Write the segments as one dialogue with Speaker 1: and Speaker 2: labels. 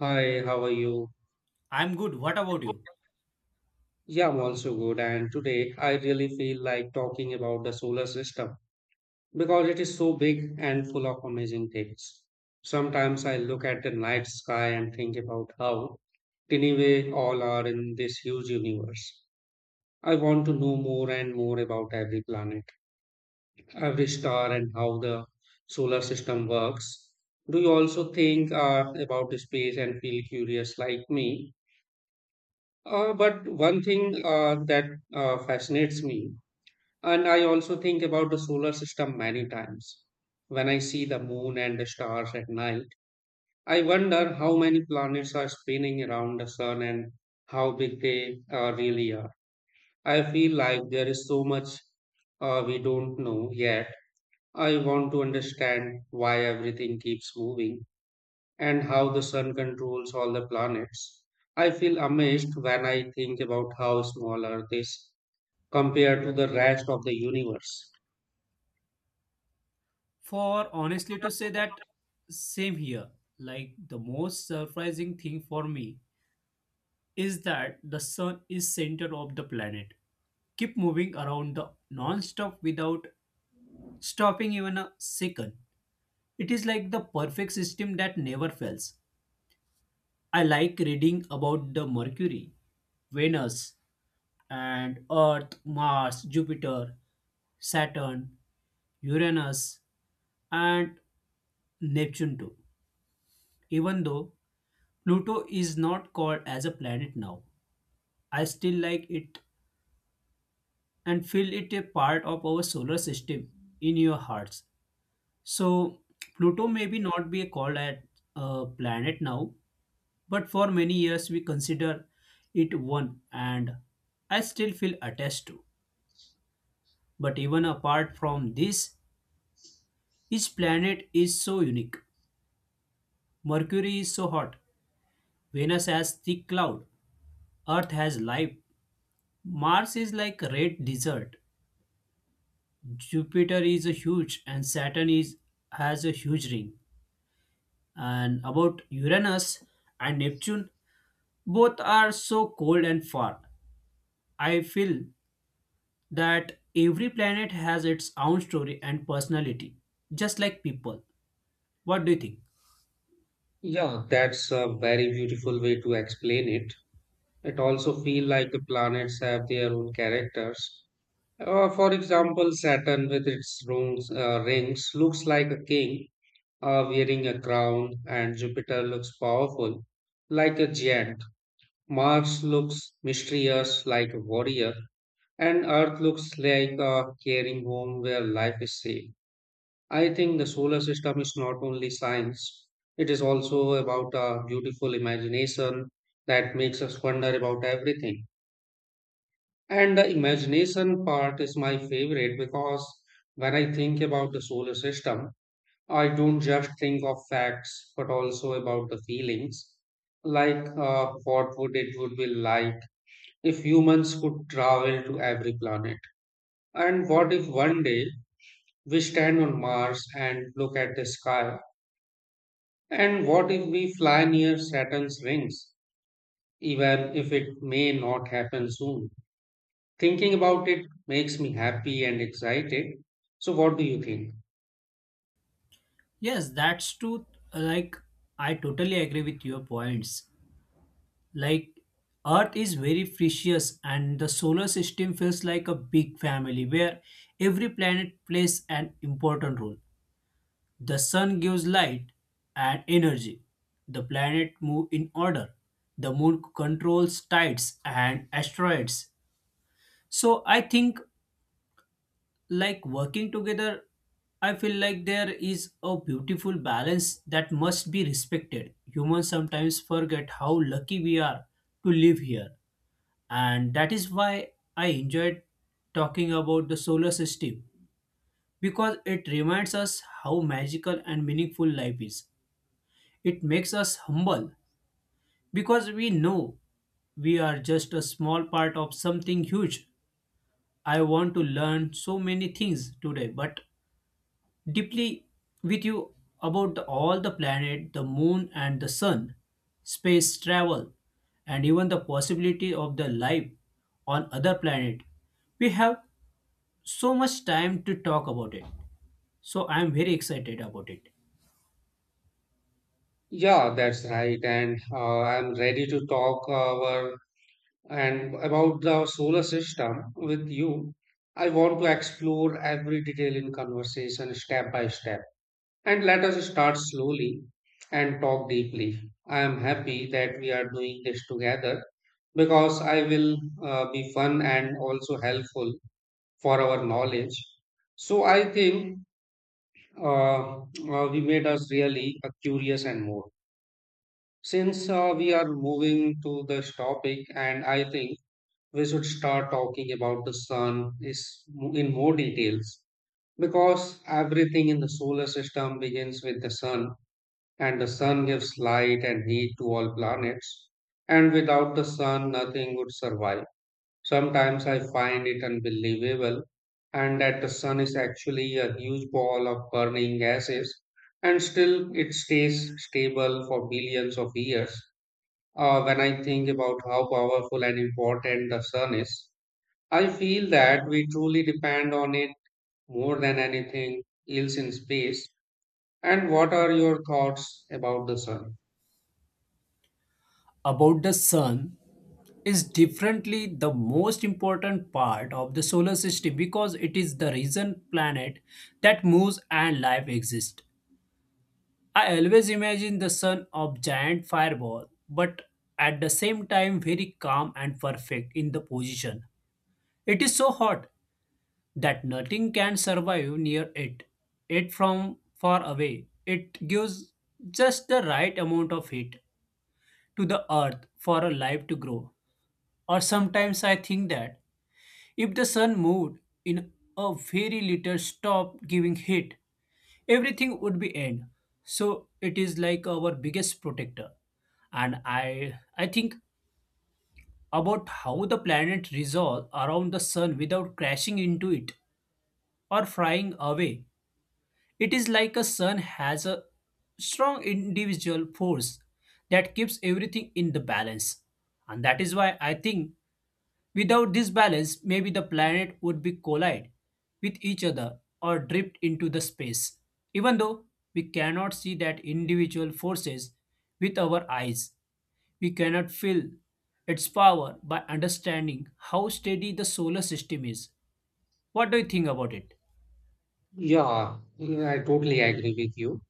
Speaker 1: Hi, how are you?
Speaker 2: I'm good. What about you?
Speaker 1: Yeah, I'm also good. And today I really feel like talking about the solar system because it is so big and full of amazing things. Sometimes I look at the night sky and think about how tiny we all are in this huge universe. I want to know more and more about every planet, every star, and how the solar system works. Do you also think about the space and feel curious like me? But one thing that fascinates me, and I also think about the solar system many times. When I see the moon and the stars at night, I wonder how many planets are spinning around the sun and how big they really are. I feel like there is so much we don't know yet. I want to understand why everything keeps moving and how the sun controls all the planets. I feel amazed when I think about how small Earth is compared to the rest of the universe.
Speaker 2: For honestly to say that same here. The most surprising thing for me is that the sun is center of the planet. Keep moving around the non-stop without stopping even a second. It is like the perfect system that never fails. I like reading about the Mercury, Venus, and Earth, Mars, Jupiter, Saturn, Uranus, and Neptune too. Even though Pluto is not called as a planet now, I still like it and feel it a part of our solar system in your hearts. So, Pluto may be not be called at a planet now, but for many years we consider it one and I still feel attached to. But even apart from this, each planet is so unique. Mercury is so hot, Venus has thick cloud, Earth has life, Mars is like red desert, Jupiter is a huge and Saturn is has a huge ring. And about Uranus and Neptune, both are so cold and far. I feel that every planet has its own story and personality, just like people. What do you think?
Speaker 1: Yeah, that's a very beautiful way to explain it. It also feels like the planets have their own characters. For example, Saturn with its rings looks like a king wearing a crown, and Jupiter looks powerful like a giant. Mars looks mysterious like a warrior and Earth looks like a caring home where life is safe. I think the solar system is not only science, it is also about a beautiful imagination that makes us wonder about everything. And the imagination part is my favorite because when I think about the solar system, I don't just think of facts but also about the feelings. Like what would it would be like if humans could travel to every planet? And what if one day we stand on Mars and look at the sky. And what if we fly near Saturn's rings, even if it may not happen soon? Thinking about it makes me happy and excited. So, what do you think?
Speaker 2: Yes, that's true. Like I totally agree with your points. Like Earth is very precious and the solar system feels like a big family where every planet plays an important role. The sun gives light and energy. The planet move in order. The moon controls tides and asteroids. So I think like working together, I feel like there is a beautiful balance that must be respected. Humans sometimes forget how lucky we are to live here. And that is why I enjoyed talking about the solar system because it reminds us how magical and meaningful life is. It makes us humble because we know we are just a small part of something huge. I want to learn so many things today, but deeply with you about all the planet, the moon, and the sun, space travel, and even the possibility of the life on other planet. We have so much time to talk about it. So I am very excited about it.
Speaker 1: Yeah, that's right. And I'm ready to talk our and about the solar system with you. I want to explore every detail in conversation step by step. And let us start slowly and talk deeply. I am happy that we are doing this together because I will be fun and also helpful for our knowledge. So I think uh, we made us really curious and more. Since we are moving to this topic, and I think we should start talking about the sun is in more details because everything in the solar system begins with the sun and the sun gives light and heat to all planets, and without the sun, nothing would survive. Sometimes I find it unbelievable, and that the sun is actually a huge ball of burning gases, and still it stays stable for billions of years. When I think about how powerful and important the sun is, I feel that we truly depend on it more than anything else in space. And what are your thoughts about the sun?
Speaker 2: About the sun is differently the most important part of the solar system because it is the reason planet that moves and life exists. I always imagine the sun of giant fireball but at the same time very calm and perfect in the position. It is so hot that nothing can survive near it. From far away it gives just the right amount of heat to the earth for a life to grow. Or sometimes I think that if the sun moved in a very little stopped giving heat, everything would be end. So it is like our biggest protector. And I think about how the planet revolve around the sun without crashing into it or flying away. It is like a sun has a strong individual force that keeps everything in the balance. And that is why I think without this balance, maybe the planet would be collide with each other or drift into the space. Even though we cannot see that individual forces with our eyes, we cannot feel its power by understanding how steady the solar system is. What do you think about it?
Speaker 1: Yeah, yeah, I totally agree with you.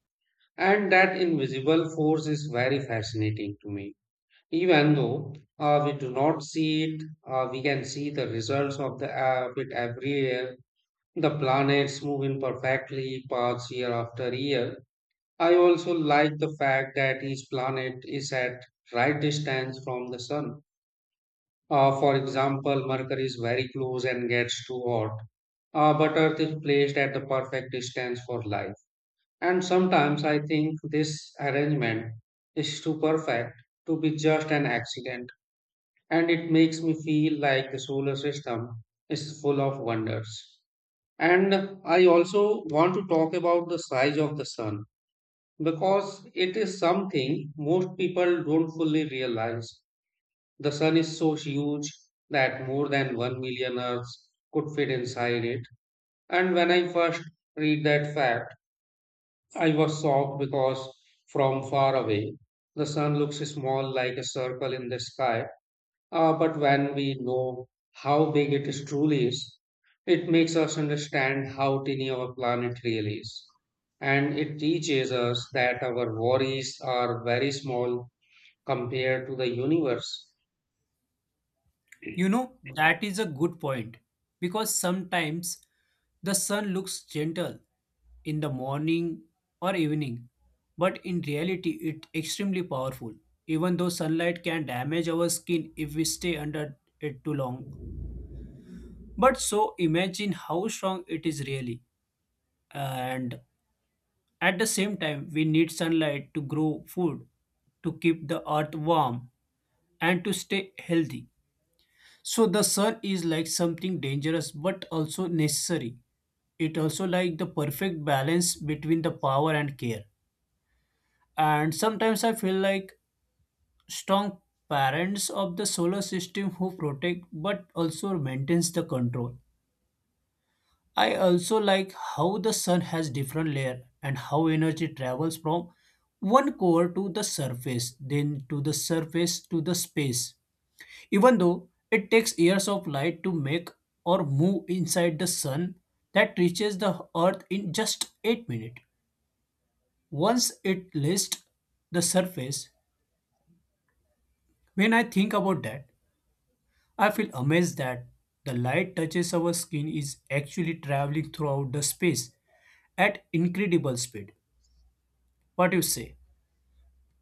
Speaker 1: And that invisible force is very fascinating to me. Even though we do not see it, we can see the results of the of it every year. The planets move in perfectly paths year after year. I also like the fact that each planet is at right distance from the sun. For example, Mercury is very close and gets too hot, but Earth is placed at the perfect distance for life. And sometimes I think this arrangement is too perfect to be just an accident, and it makes me feel like the solar system is full of wonders. And I also want to talk about the size of the sun because it is something most people don't fully realize. The sun is so huge that more than 1 million Earths could fit inside it. And when I first read that fact, I was shocked because from far away, the sun looks small like a circle in the sky. But when we know how big it is truly is, it makes us understand how tiny our planet really is. And it teaches us that our worries are very small compared to the universe.
Speaker 2: You know, that is a good point because sometimes the sun looks gentle in the morning or evening, but in reality, it's extremely powerful. Even though sunlight can damage our skin if we stay under it too long. But so imagine how strong it is really. And at the same time, we need sunlight to grow food, to keep the earth warm, and to stay healthy. So the sun is like something dangerous but also necessary. It also like the perfect balance between the power and care. And sometimes I feel like strong parents of the solar system who protect but also maintains the control. I also like how the sun has different layer and how energy travels from one core to the surface, then to the surface to the space. Even though it takes years of light to make or move inside the sun that reaches the earth in just 8 minutes. Once it lists the surface, when I think about that, I feel amazed that the light touches our skin is actually traveling throughout the space at incredible speed. What do you say?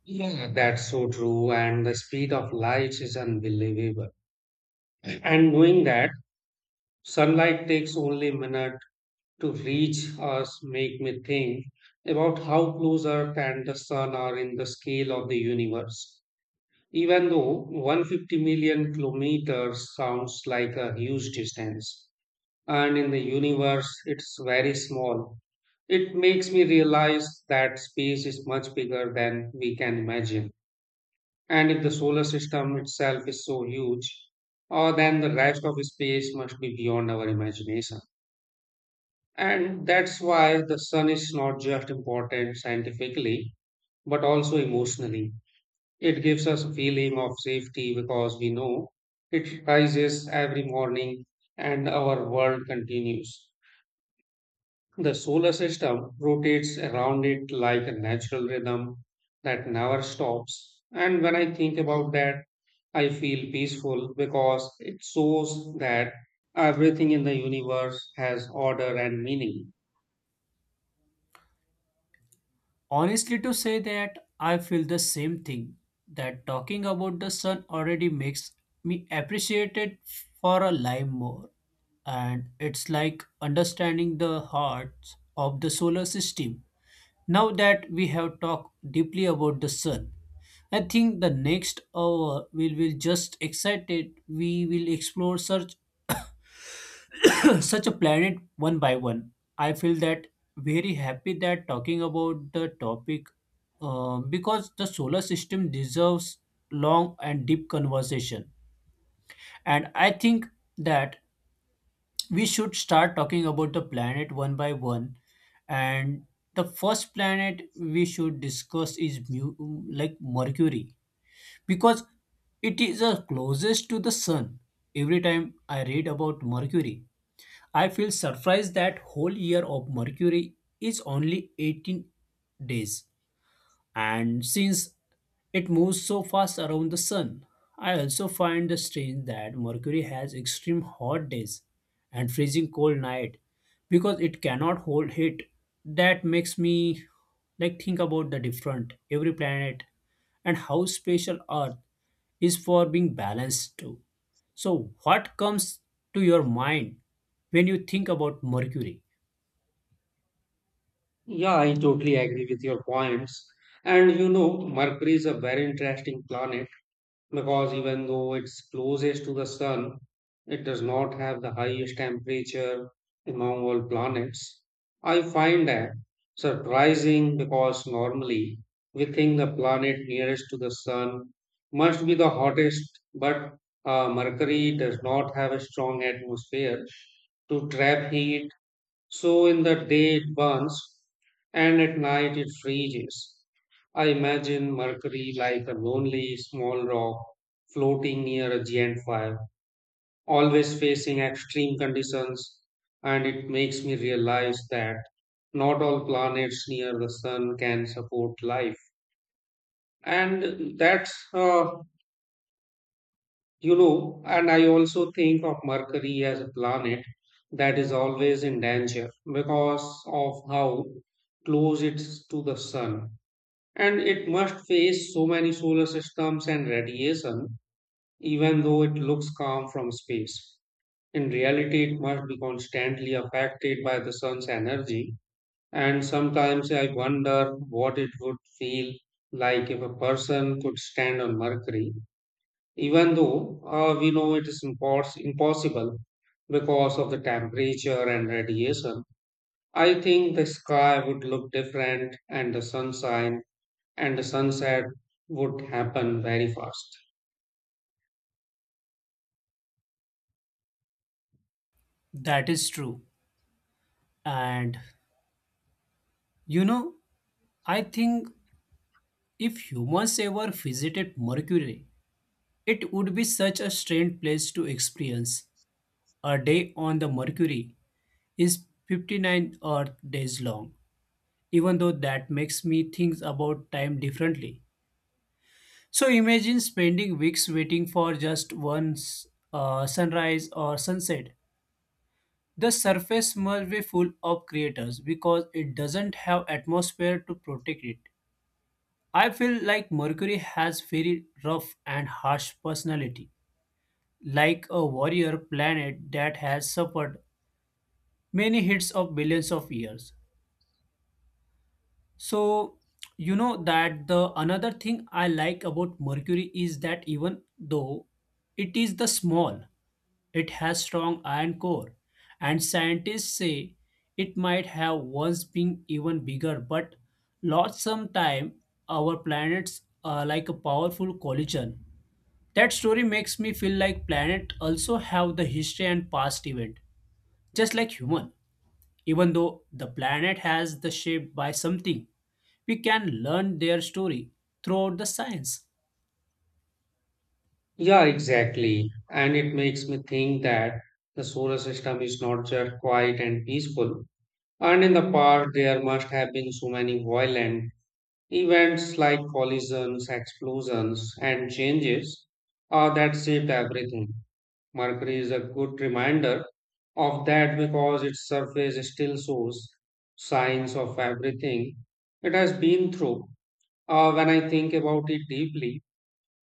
Speaker 1: Yeah, that's so true. And the speed of light is unbelievable. And knowing that sunlight takes only a minute to reach us make me think about how close Earth and the Sun are in the scale of the universe. Even though 150 million kilometers sounds like a huge distance, and in the universe it's very small, it makes me realize that space is much bigger than we can imagine. And if the solar system itself is so huge, or then the rest of space must be beyond our imagination. And that's why the sun is not just important scientifically, but also emotionally. It gives us a feeling of safety because we know it rises every morning and our world continues. The solar system rotates around it like a natural rhythm that never stops. And when I think about that, I feel peaceful because it shows that everything in the universe has order and meaning.
Speaker 2: Honestly, to say that I feel the same thing that talking about the sun already makes me appreciate it for a life more. And it's like understanding the heart of the solar system. Now that we have talked deeply about the sun, I think the next hour we will just excited. We will explore such such a planet one by one. I feel that very happy that talking about the topic because the solar system deserves long and deep conversation. And I think that we should start talking about the planet one by one. And the first planet we should discuss is like Mercury because it is the closest to the sun. Every time I read about Mercury, I feel surprised that whole year of Mercury is only 18 days and since it moves so fast around the sun. I also find the strange that Mercury has extreme hot days and freezing cold night because it cannot hold heat. That makes me think about the different every planet and how special Earth is for being balanced too. So, what comes to your mind when you think about Mercury?
Speaker 1: Yeah, I totally agree with your points. And you know, Mercury is a very interesting planet because even though it's closest to the sun, it does not have the highest temperature among all planets. I find that surprising because normally we think the planet nearest to the sun must be the hottest, but Mercury does not have a strong atmosphere to trap heat so in the day it burns, and at night it freezes. I imagine Mercury like a lonely small rock floating near a giant fire, always facing extreme conditions, and it makes me realize that not all planets near the sun can support life. And that's You know, and I also think of Mercury as a planet that is always in danger because of how close it's to the sun. And it must face so many solar systems and radiation, even though it looks calm from space. In reality, it must be constantly affected by the sun's energy. And sometimes I wonder what it would feel like if a person could stand on Mercury even though we know it is impossible because of the temperature and radiation, I think the sky would look different and the sunshine and the sunset would happen very fast.
Speaker 2: That is true. And you know, I think if humans ever visited Mercury, it would be such a strange place to experience. A day on the Mercury is 59 Earth days long, even though that makes me think about time differently. So imagine spending weeks waiting for just sunrise or sunset. The surface must be full of craters because it doesn't have atmosphere to protect it. I feel like Mercury has very rough and harsh personality, like a warrior planet that has suffered many hits of billions of years. So, you know that the another thing I like about Mercury is that even though it is the small, it has strong iron core, and scientists say it might have once been even bigger, but lost some time our planets are like a powerful collision. That story makes me feel like planet also have the history and past event, just like human, even though the planet has the shape by something we can learn their story throughout the science.
Speaker 1: Yeah, exactly. And it makes me think that the solar system is not just quiet and peaceful. And in the past, there must have been so many violent events like collisions, explosions, and changes that shaped everything. Mercury is a good reminder of that because its surface still shows signs of everything it has been through. When I think about it deeply,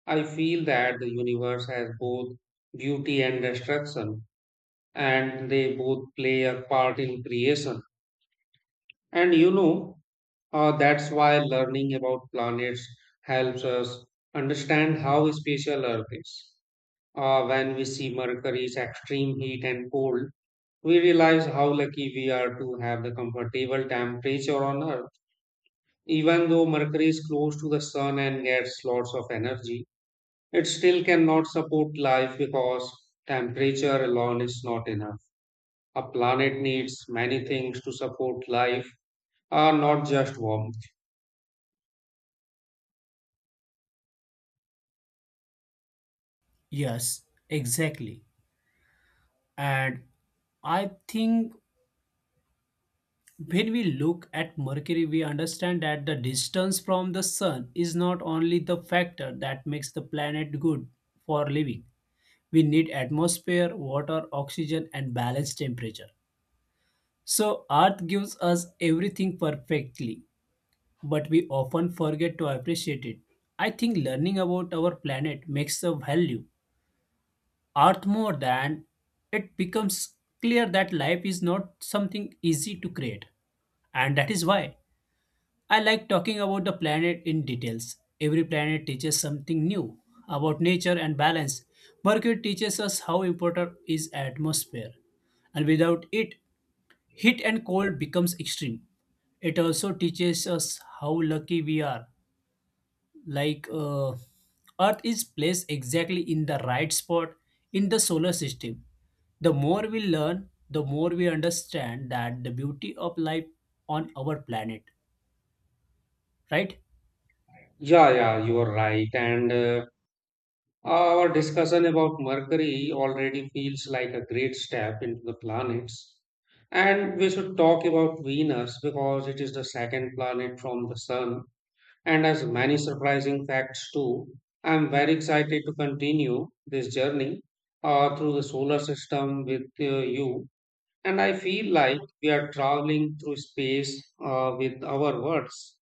Speaker 1: I feel that the universe has both beauty and destruction, and they both play a part in creation. And you know, that's why learning about planets helps us understand how special Earth is. When we see Mercury's extreme heat and cold, we realize how lucky we are to have the comfortable temperature on Earth. Even though Mercury is close to the Sun and gets lots of energy, it still cannot support life because temperature alone is not enough. A planet needs many things to support life, not just warmth.
Speaker 2: Yes, exactly. And I think when we look at Mercury, we understand that the distance from the sun is not only the factor that makes the planet good for living. We need atmosphere, water, oxygen, and balanced temperature. So, Earth gives us everything perfectly, but we often forget to appreciate it. I think learning about our planet makes a value art more than it becomes clear that life is not something easy to create. And that is why I like talking about the planet in details. Every planet teaches something new about nature and balance. Mercury teaches us how important is atmosphere, and without it, heat and cold becomes extreme. It also teaches us how lucky we are like earth is placed exactly in the right spot in the solar system. The more we learn the more we understand that the beauty of life on our planet, right.
Speaker 1: Yeah, yeah, you are right. And our discussion about Mercury already feels like a great step into the planets. And we should talk about Venus because it is the second planet from the Sun and has many surprising facts too. I'm very excited to continue this journey through the solar system with you. And I feel like we are traveling through space with our words.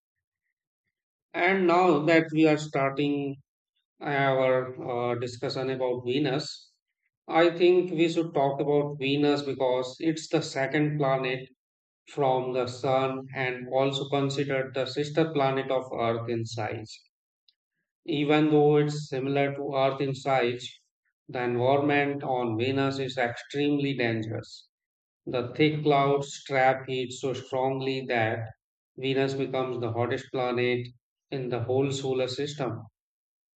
Speaker 1: And now that we are starting our discussion about Venus, I think we should talk about Venus because it's the second planet from the Sun and also considered the sister planet of Earth in size. Even though it's similar to Earth in size, the environment on Venus is extremely dangerous. The thick clouds trap heat so strongly that Venus becomes the hottest planet in the whole solar system.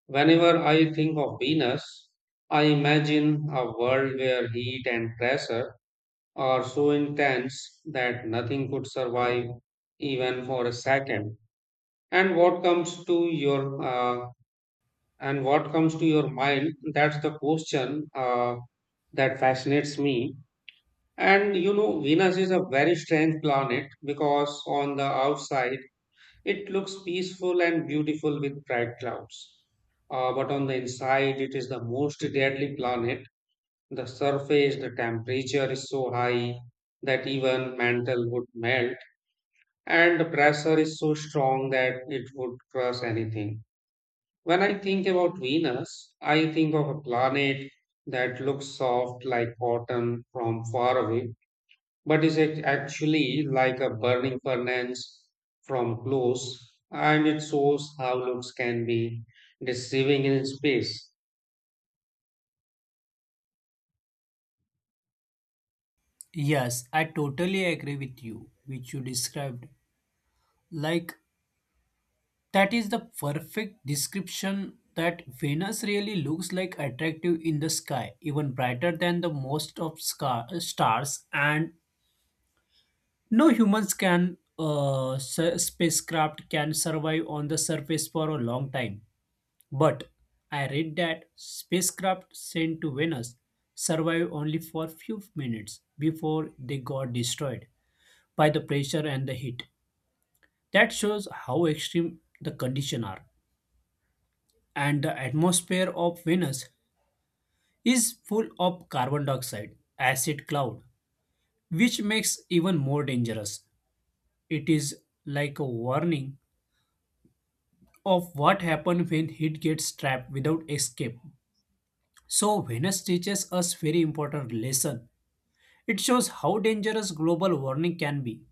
Speaker 1: Whenever I think of Venus, I imagine a world where heat and pressure are so intense that nothing could survive even for a second. And what comes to your mind? That's the question that fascinates me. And you know, Venus is a very strange planet because on the outside it looks peaceful and beautiful with bright clouds. But on the inside, it is the most deadly planet. The temperature is so high that even mantle would melt, and the pressure is so strong that it would crush anything. When I think about Venus, I think of a planet that looks soft like cotton from far away but is it actually like a burning furnace from close, and it shows how looks can be deceiving in space.
Speaker 2: Yes, I totally agree with you which you described like that is the perfect description that Venus really looks like attractive in the sky even brighter than the most of stars. And no humans can spacecraft can survive on the surface for a long time. But I read that spacecraft sent to Venus survived only for few minutes before they got destroyed by the pressure and the heat. That shows how extreme the conditions are. And the atmosphere of Venus is full of carbon dioxide, acid cloud, which makes even more dangerous. It is like a warning of what happens when heat gets trapped without escape. So Venus teaches us very important lesson. It shows how dangerous global warming can be.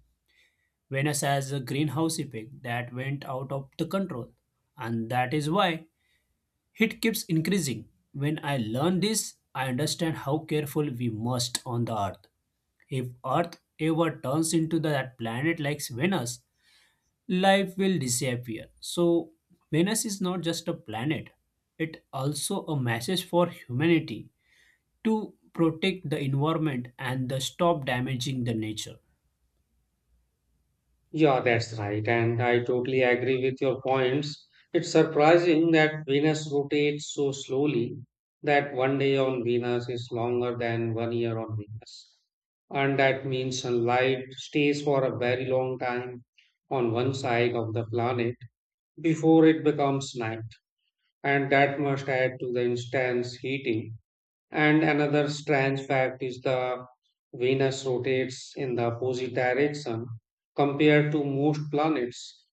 Speaker 2: Venus has a greenhouse effect that went out of the control, and that is why heat keeps increasing. When I learn this, I understand how careful we must on the earth. If Earth ever turns into that planet like Venus, life will disappear. So, Venus is not just a planet, it also a message for humanity to protect the environment and the stop damaging the nature.
Speaker 1: Yeah, that's right, and I totally agree with your points. It's surprising that Venus rotates so slowly that one day on Venus is longer than one year on Venus, and that means sunlight stays for a very long time on one side of the planet before it becomes night, and that must add to the instance heating. And another strange fact is the Venus rotates in the opposite direction compared to most planets.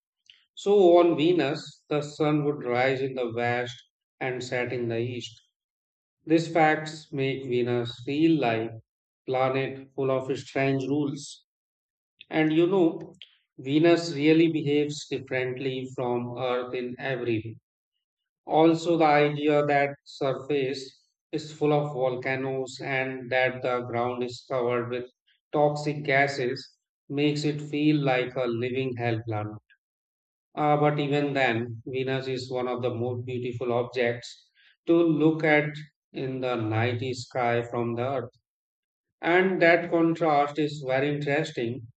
Speaker 1: So on Venus, the sun would rise in the west and set in the east. These facts make Venus feel like a planet full of strange rules. And you know, Venus really behaves differently from Earth in every way. Also, the idea that surface is full of volcanoes and that the ground is covered with toxic gases makes it feel like a living hell planet. But even then, Venus is one of the most beautiful objects to look at in the night sky from the Earth. And that contrast is very interesting.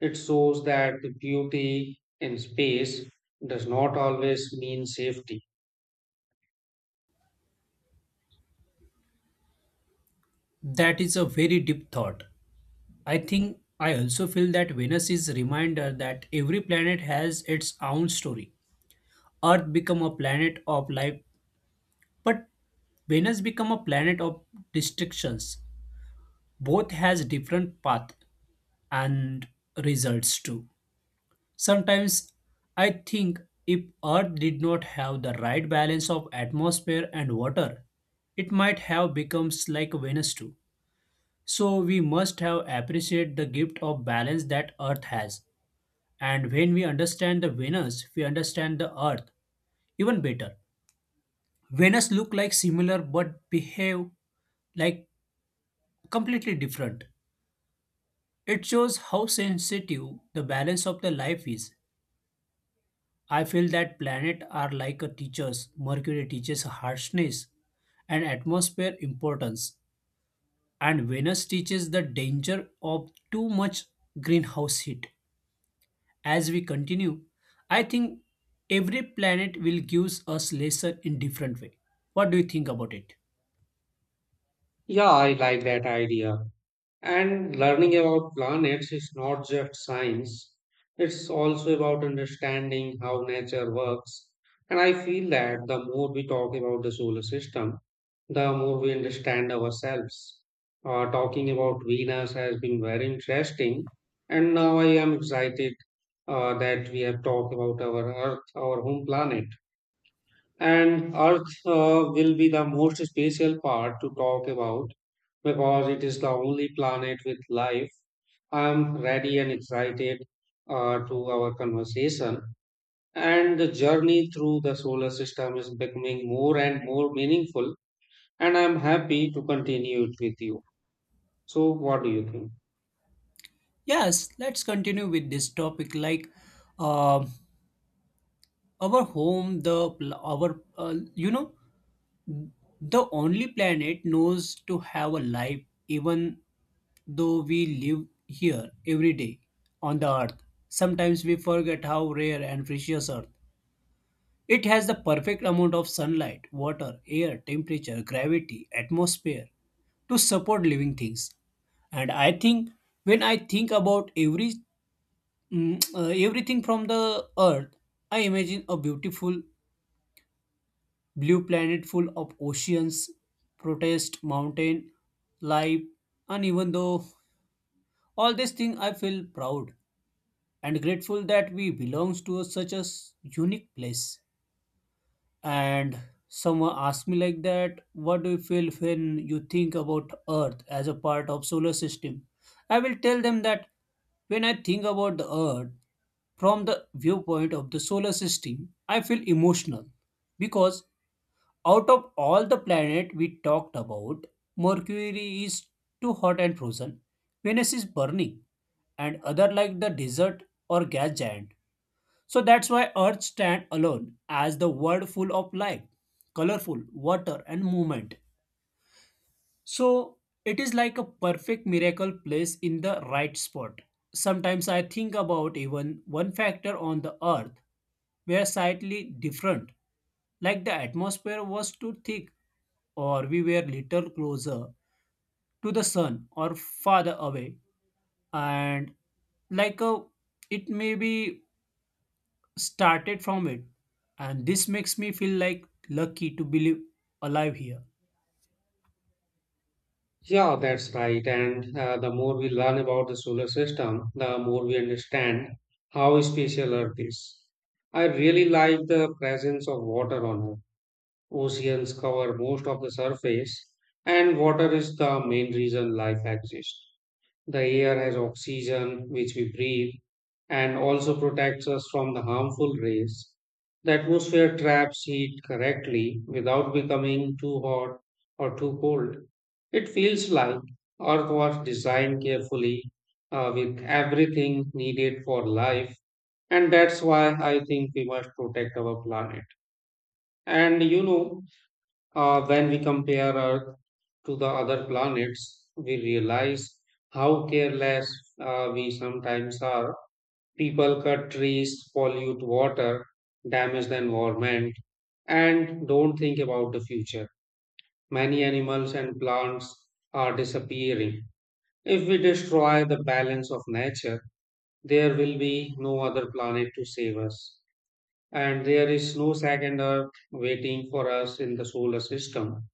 Speaker 1: It shows that beauty in space does not always mean safety.
Speaker 2: That is a very deep thought. I think I also feel that Venus is a reminder that every planet has its own story. Earth become a planet of life, but Venus become a planet of destructions. Both has different path and results too. Sometimes I think if Earth did not have the right balance of atmosphere and water, it might have become like Venus too. So we must have appreciate the gift of balance that Earth has. And when we understand the Venus, we understand the Earth even better. Venus look like similar but behave like completely different. It shows how sensitive the balance of the life is. I feel that planets are like a teachers. Mercury teaches harshness and atmosphere importance, and Venus teaches the danger of too much greenhouse heat. As we continue, I think every planet will give us lesson in different way. What do you think about it?
Speaker 1: Yeah, I like that idea. And learning about planets is not just science, it's also about understanding how nature works. And I feel that the more we talk about the solar system, the more we understand ourselves. Talking about Venus has been very interesting, and now I am excited that we have talked about our Earth, our home planet. And Earth will be the most special part to talk about because it is the only planet with life. I'm ready and excited to our conversation. And the journey through the solar system is becoming more and more meaningful. And I'm happy to continue it with you. So, what do you think?
Speaker 2: Yes, let's continue with this topic. Like um our home, the pl- our You know, the only planet knows to have a life. Even though we live here every day on the earth, sometimes we forget how rare and precious earth. It has the perfect amount of sunlight, water, air, temperature, gravity, atmosphere to support living things. And I think when I think about everything from the earth, I imagine a beautiful blue planet full of oceans, protest, mountain, life, and even though all these things I feel proud and grateful that we belongs to such unique place. And someone asked me like that, what do you feel when you think about Earth as a part of solar system? I will tell them that when I think about the Earth from the viewpoint of the solar system, I feel emotional because out of all the planet we talked about, Mercury is too hot and frozen, Venus is burning, and other like the desert or gas giant, so that's why Earth stands alone as the world full of life, colorful, water, and movement. So it is like a perfect miracle place in the right spot. Sometimes I think about even one factor on the Earth were slightly different, like the atmosphere was too thick, or we were little closer to the sun or farther away, and like a it may be started from it and this makes me feel like lucky to be alive here.
Speaker 1: Yeah, that's right. And the more we learn about the solar system, the more we understand how special Earth is. I really like the presence of water on Earth. Oceans cover most of the surface, and water is the main reason life exists. The air has oxygen, which we breathe, and also protects us from the harmful rays. The atmosphere traps heat correctly without becoming too hot or too cold. It feels like Earth was designed carefully with everything needed for life, and that's why I think we must protect our planet. And you know, when we compare Earth to the other planets, we realize how careless we sometimes are. People cut trees, pollute water, damage the environment, and don't think about the future. Many animals and plants are disappearing. If we destroy the balance of nature, there will be no other planet to save us. And there is no second Earth waiting for us in the solar system.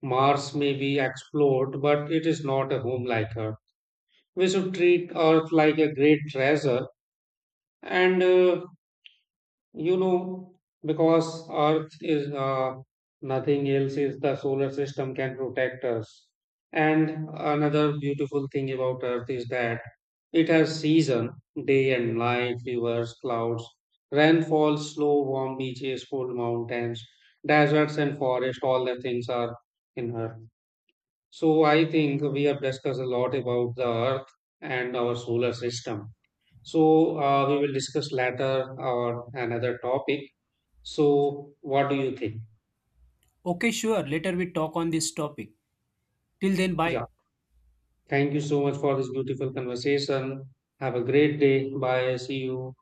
Speaker 1: Mars may be explored, but it is not a home like Earth. We should treat Earth like a great treasure, and you know, because Earth is nothing else, is the solar system can protect us. And another beautiful thing about Earth is that it has season, day and night, rivers, clouds, rainfall, slow, warm beaches, cold mountains, deserts, and forest. All the things are in Earth. So I think we have discussed a lot about the Earth and our solar system. So we will discuss later or another topic. So what do you think?
Speaker 2: Okay, sure, later we talk on this topic. Till then,
Speaker 1: Yeah.
Speaker 2: bye.
Speaker 1: Thank you so much for this beautiful conversation. Have a great day. Bye. See you.